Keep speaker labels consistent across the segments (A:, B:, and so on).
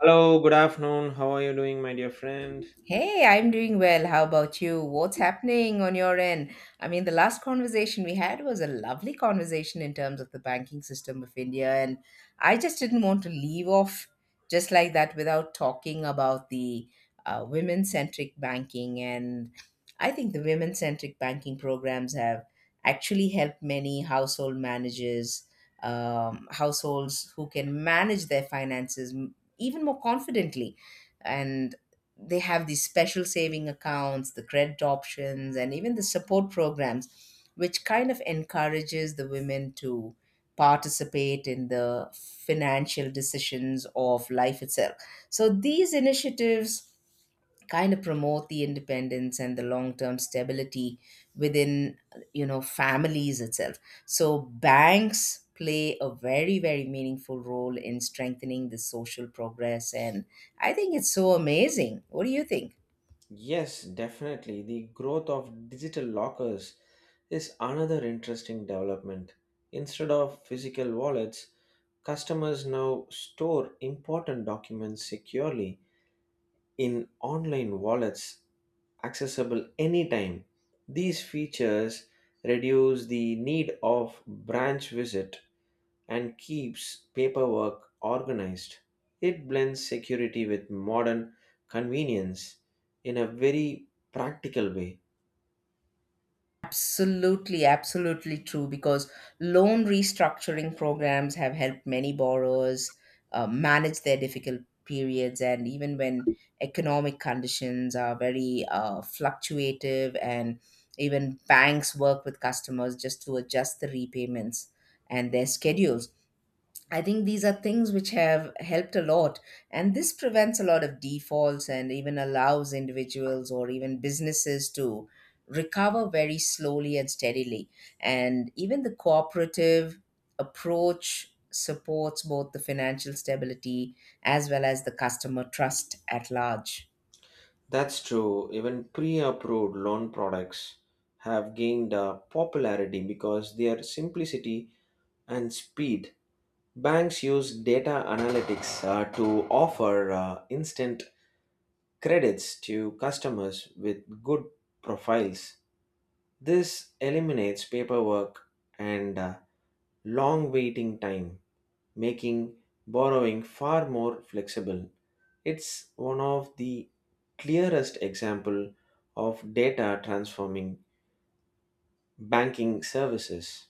A: Hello, good afternoon. How are you doing, my dear friend?
B: Hey, I'm doing well. How about you? What's happening on your end? I mean, the last conversation we had was a lovely conversation in terms of the banking system of India, and I just didn't want to leave off just like that without talking about the women centric banking. And I think the women centric banking programs have actually helped many household managers, households who can manage their finances even more confidently. And they have these special saving accounts, the credit options, and even the support programs, which kind of encourages the women to participate in the financial decisions of life itself. So these initiatives kind of promote the independence and the long-term stability within families itself. So banks play a very meaningful role in strengthening the social progress, and I think it's so amazing. What do you think?
A: Yes, definitely. The growth of digital lockers is another interesting development. Instead of physical wallets, customers now store important documents securely in online wallets accessible anytime. These features reduce the need of branch visit and keeps paperwork organized. It blends security with modern convenience in a very practical way.
B: Absolutely, absolutely true. Because loan restructuring programs have helped many borrowers manage their difficult periods, and even when economic conditions are very fluctuative, and even banks work with customers just to adjust the repayments and their schedules. I think these are things which have helped a lot, and this prevents a lot of defaults and even allows individuals or even businesses to recover very slowly and steadily. And even the cooperative approach supports both the financial stability as well as the customer trust at large.
A: That's true, even pre approved loan products have gained popularity because their simplicity and speed. Banks use data analytics to offer instant credits to customers with good profiles. This eliminates paperwork and long waiting time, making borrowing far more flexible. It's one of the clearest example of data transforming banking services.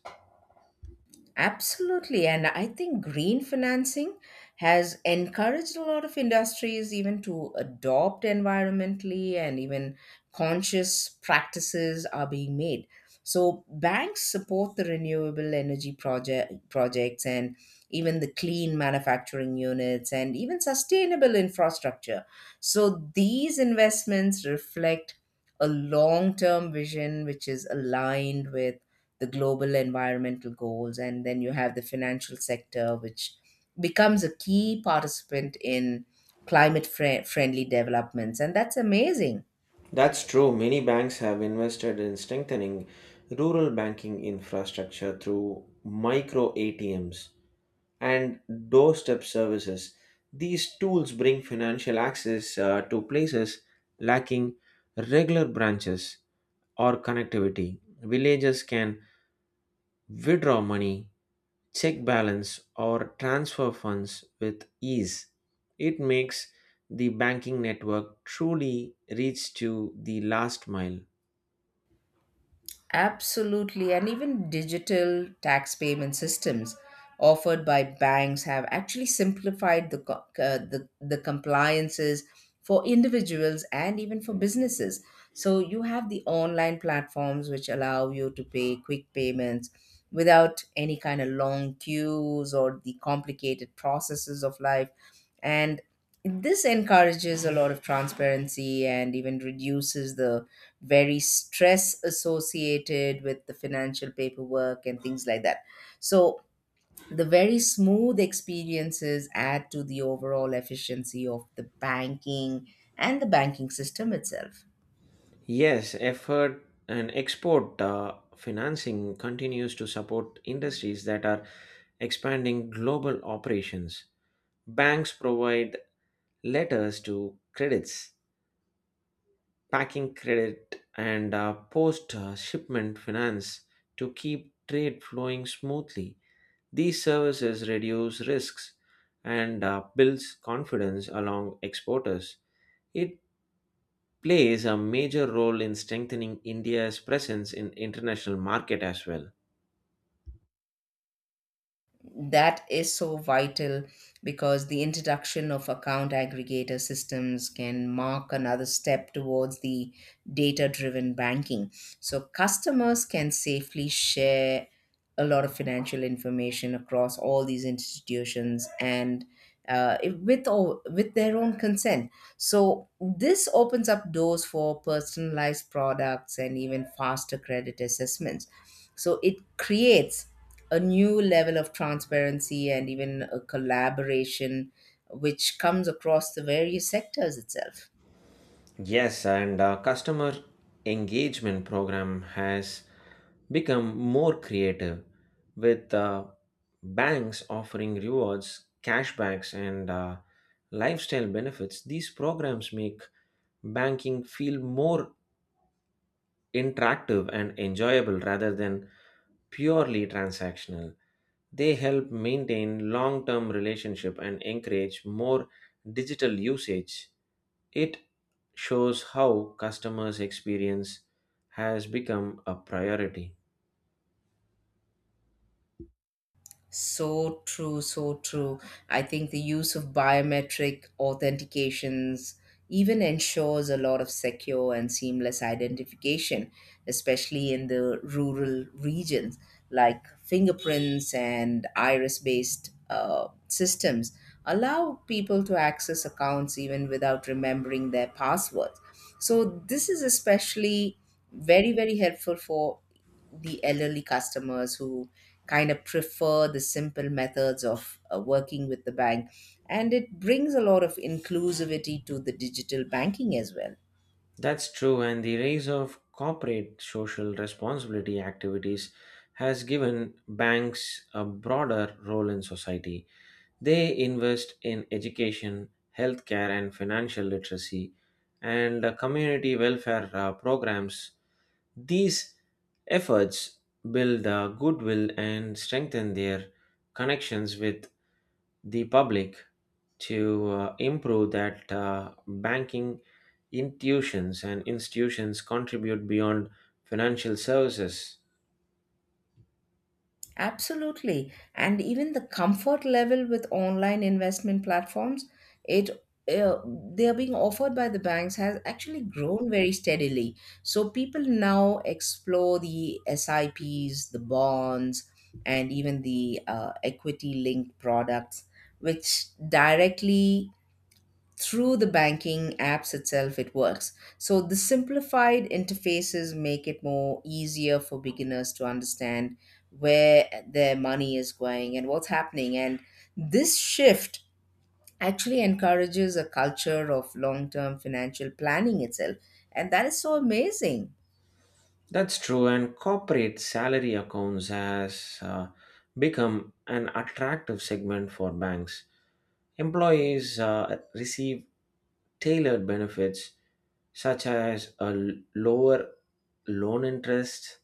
B: Absolutely. And I think green financing has encouraged a lot of industries even to adopt environmentally and even conscious practices are being made. So banks support the renewable energy projects and even the clean manufacturing units and even sustainable infrastructure. So these investments reflect a long-term vision which is aligned with the global environmental goals, and then you have the financial sector, which becomes a key participant in friendly developments. And that's amazing.
A: That's true. Many banks have invested in strengthening rural banking infrastructure through micro ATMs and doorstep services. These tools bring financial access to places lacking regular branches or connectivity. Villagers can withdraw money check balance or transfer funds with ease. It makes the banking network truly reach to the last mile.
B: Absolutely, and even digital tax payment systems offered by banks have actually simplified the the compliances for individuals and even for businesses. So you have the online platforms which allow you to pay quick payments without any kind of long queues or the complicated processes of life, and this encourages a lot of transparency and even reduces the very stress associated with the financial paperwork and things like that. So, the very smooth experiences add to the overall efficiency of the banking and the banking system itself.
A: Yes, effort and export financing continues to support industries that are expanding global operations. Banks provide letters to credits, packing credit, and post shipment finance to keep trade flowing smoothly. These services reduce risks and builds confidence along exporters. It plays a major role in strengthening India's presence in international market as well.
B: That is so vital because the introduction of account aggregator systems can mark another step towards the data driven banking. So customers can safely share a lot of financial information across all these institutions, and with or with their own consent. So this opens up doors for personalized products and even faster credit assessments. So it creates a new level of transparency and even a collaboration which comes across the various sectors itself.
A: Yes, and customer engagement program has become more creative with banks offering rewards, cashbacks, and lifestyle benefits. These programs make banking feel more interactive and enjoyable rather than purely transactional. They help maintain long term relationship and encourage more digital usage. It shows how customers' experience has become a priority.
B: So true, so true. I think the use of biometric authentications even ensures a lot of secure and seamless identification, especially in the rural regions, like fingerprints and iris based systems allow people to access accounts even without remembering their passwords. So, this is especially very, very helpful for the elderly customers who kind of prefer the simple methods of working with the bank. And it brings a lot of inclusivity to the digital banking as well.
A: That's true, and the rise of corporate social responsibility activities has given banks a broader role in society. They invest in education, healthcare, and financial literacy, and community welfare programs. These efforts build goodwill and strengthen their connections with the public to improve that banking institutions contribute beyond financial services.
B: Absolutely. And even the comfort level with online investment platforms, it uh, they are being offered by the banks has actually grown very steadily. So people now explore the SIPs, the bonds, and even the equity linked products, which directly through the banking apps itself it works. So the simplified interfaces make it more easier for beginners to understand where their money is going and what's happening, and this shift actually encourages a culture of long-term financial planning itself. And that is so amazing.
A: That's true, and corporate salary accounts has become an attractive segment for banks. Employees receive tailored benefits such as a lower loan interest,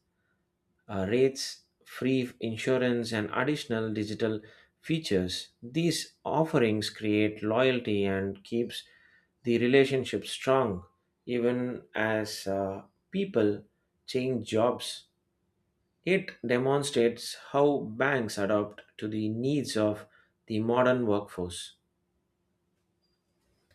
A: rates, free insurance, and additional digital features. These offerings create loyalty and keeps the relationship strong even as people change jobs. It demonstrates how banks adapt to the needs of the modern workforce.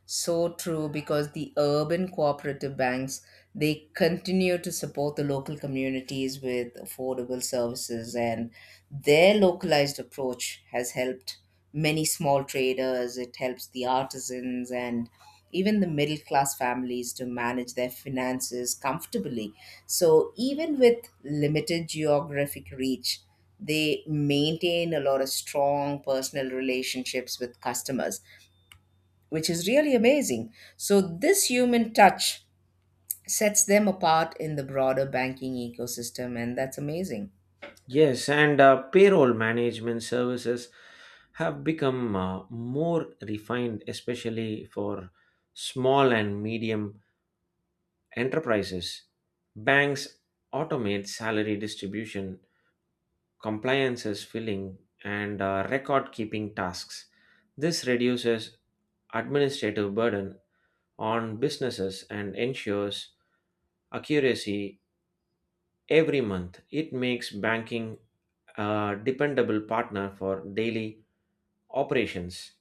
B: So true, because the urban cooperative banks, they continue to support the local communities with affordable services, and their localized approach has helped many small traders, it helps the artisans and even the middle class families to manage their finances comfortably. So even with limited geographic reach, they maintain a lot of strong personal relationships with customers, which is really amazing. So, this human touch sets them apart in the broader banking ecosystem, and that's amazing.
A: Yes, and payroll management services have become more refined, especially for small and medium Enterprises, banks automate salary distribution, compliances filling, and record keeping tasks. This reduces administrative burden on businesses and ensures accuracy every month. It makes banking a dependable partner for daily operations.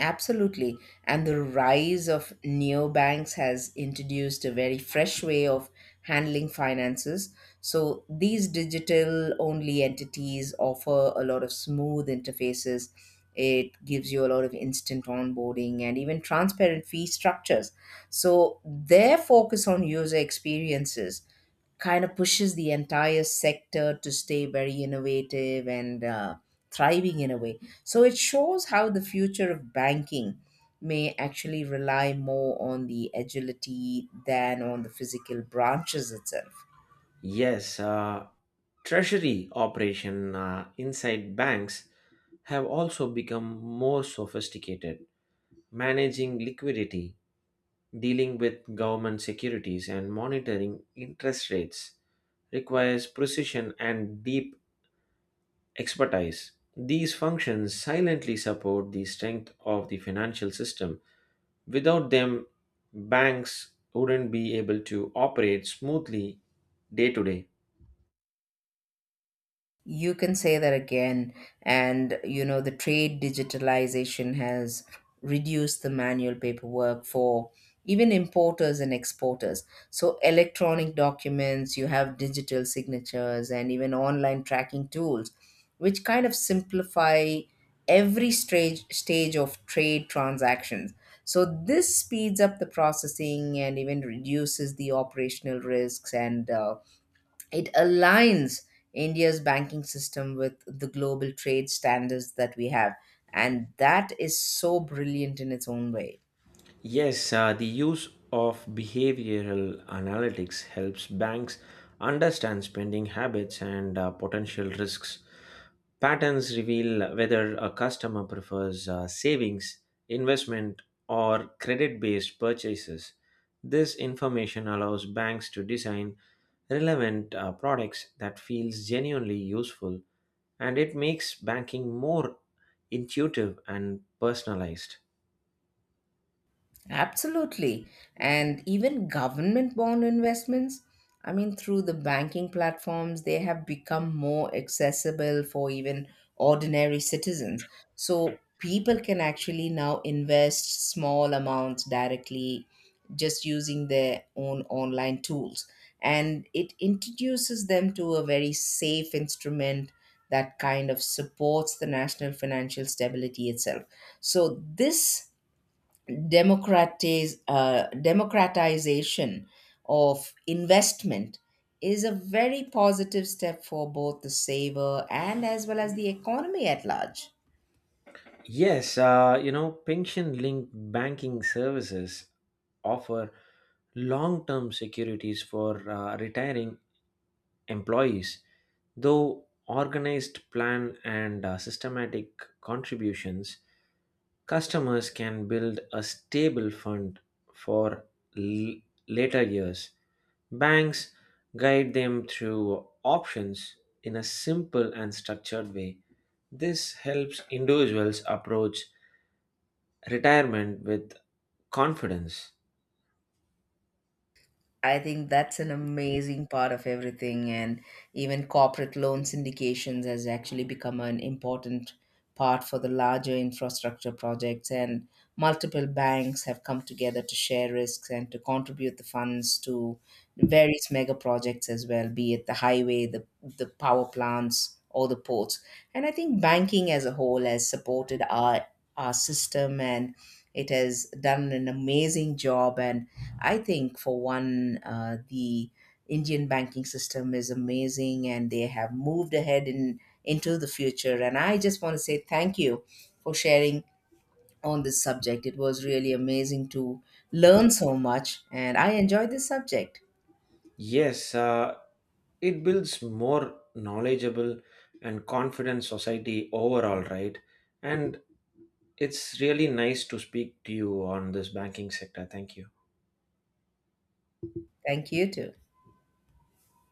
B: Absolutely. And the rise of neobanks has introduced a very fresh way of handling finances. So, these digital only entities offer a lot of smooth interfaces. It gives you a lot of instant onboarding and even transparent fee structures. So, their focus on user experiences kind of pushes the entire sector to stay very innovative and thriving in a way. So it shows how the future of banking may actually rely more on the agility than on the physical branches itself.
A: Yes, treasury operation inside banks have also become more sophisticated managing liquidity, dealing with government securities, and monitoring interest rates requires precision and deep expertise. These functions silently support the strength of the financial system. Without them, banks wouldn't be able to operate smoothly day to day.
B: You can say that again. And, you know, the trade digitalization has reduced the manual paperwork for even importers and exporters. So, electronic documents, you have digital signatures, and even online tracking tools, which kind of simplify every stage of trade transactions. So, this speeds up the processing and even reduces the operational risks, and it aligns India's banking system with the global trade standards that we have. And that is so brilliant in its own way.
A: Yes, the use of behavioral analytics helps banks understand spending habits and potential risks. Patterns reveal whether a customer prefers savings, investment, or credit based purchases. This information allows banks to design relevant products that feels genuinely useful and it makes banking more intuitive and personalized.
B: Absolutely. And even government bond investments, I mean, through the banking platforms, they have become more accessible for even ordinary citizens. So people can actually now invest small amounts directly just using their own online tools. And it introduces them to a very safe instrument that kind of supports the national financial stability itself. So this democratization of investment is a very positive step for both the saver and as well as the economy at large.
A: Yes, pension linked banking services offer long term securities for retiring employees, though organized plan and systematic contributions, customers can build a stable fund for l- later years. Banks guide them through options in a simple and structured way. This helps individuals approach retirement with confidence.
B: I think that's an amazing part of everything, and even corporate loan syndications has actually become an important part for the larger infrastructure projects. And multiple banks have come together to share risks and to contribute the funds to various mega projects as well, be it the highway, the power plants, or the ports. And I think banking as a whole has supported our system, and it has done an amazing job. And I think for one, the Indian banking system is amazing, and they have moved ahead in into the future. And I just want to say thank you for sharing on this subject. It was really amazing to learn so much, and I enjoyed this subject.
A: Yes, it builds more knowledgeable and confident society overall, right? And it's really nice to speak to you on this banking sector. Thank you.
B: Thank you too.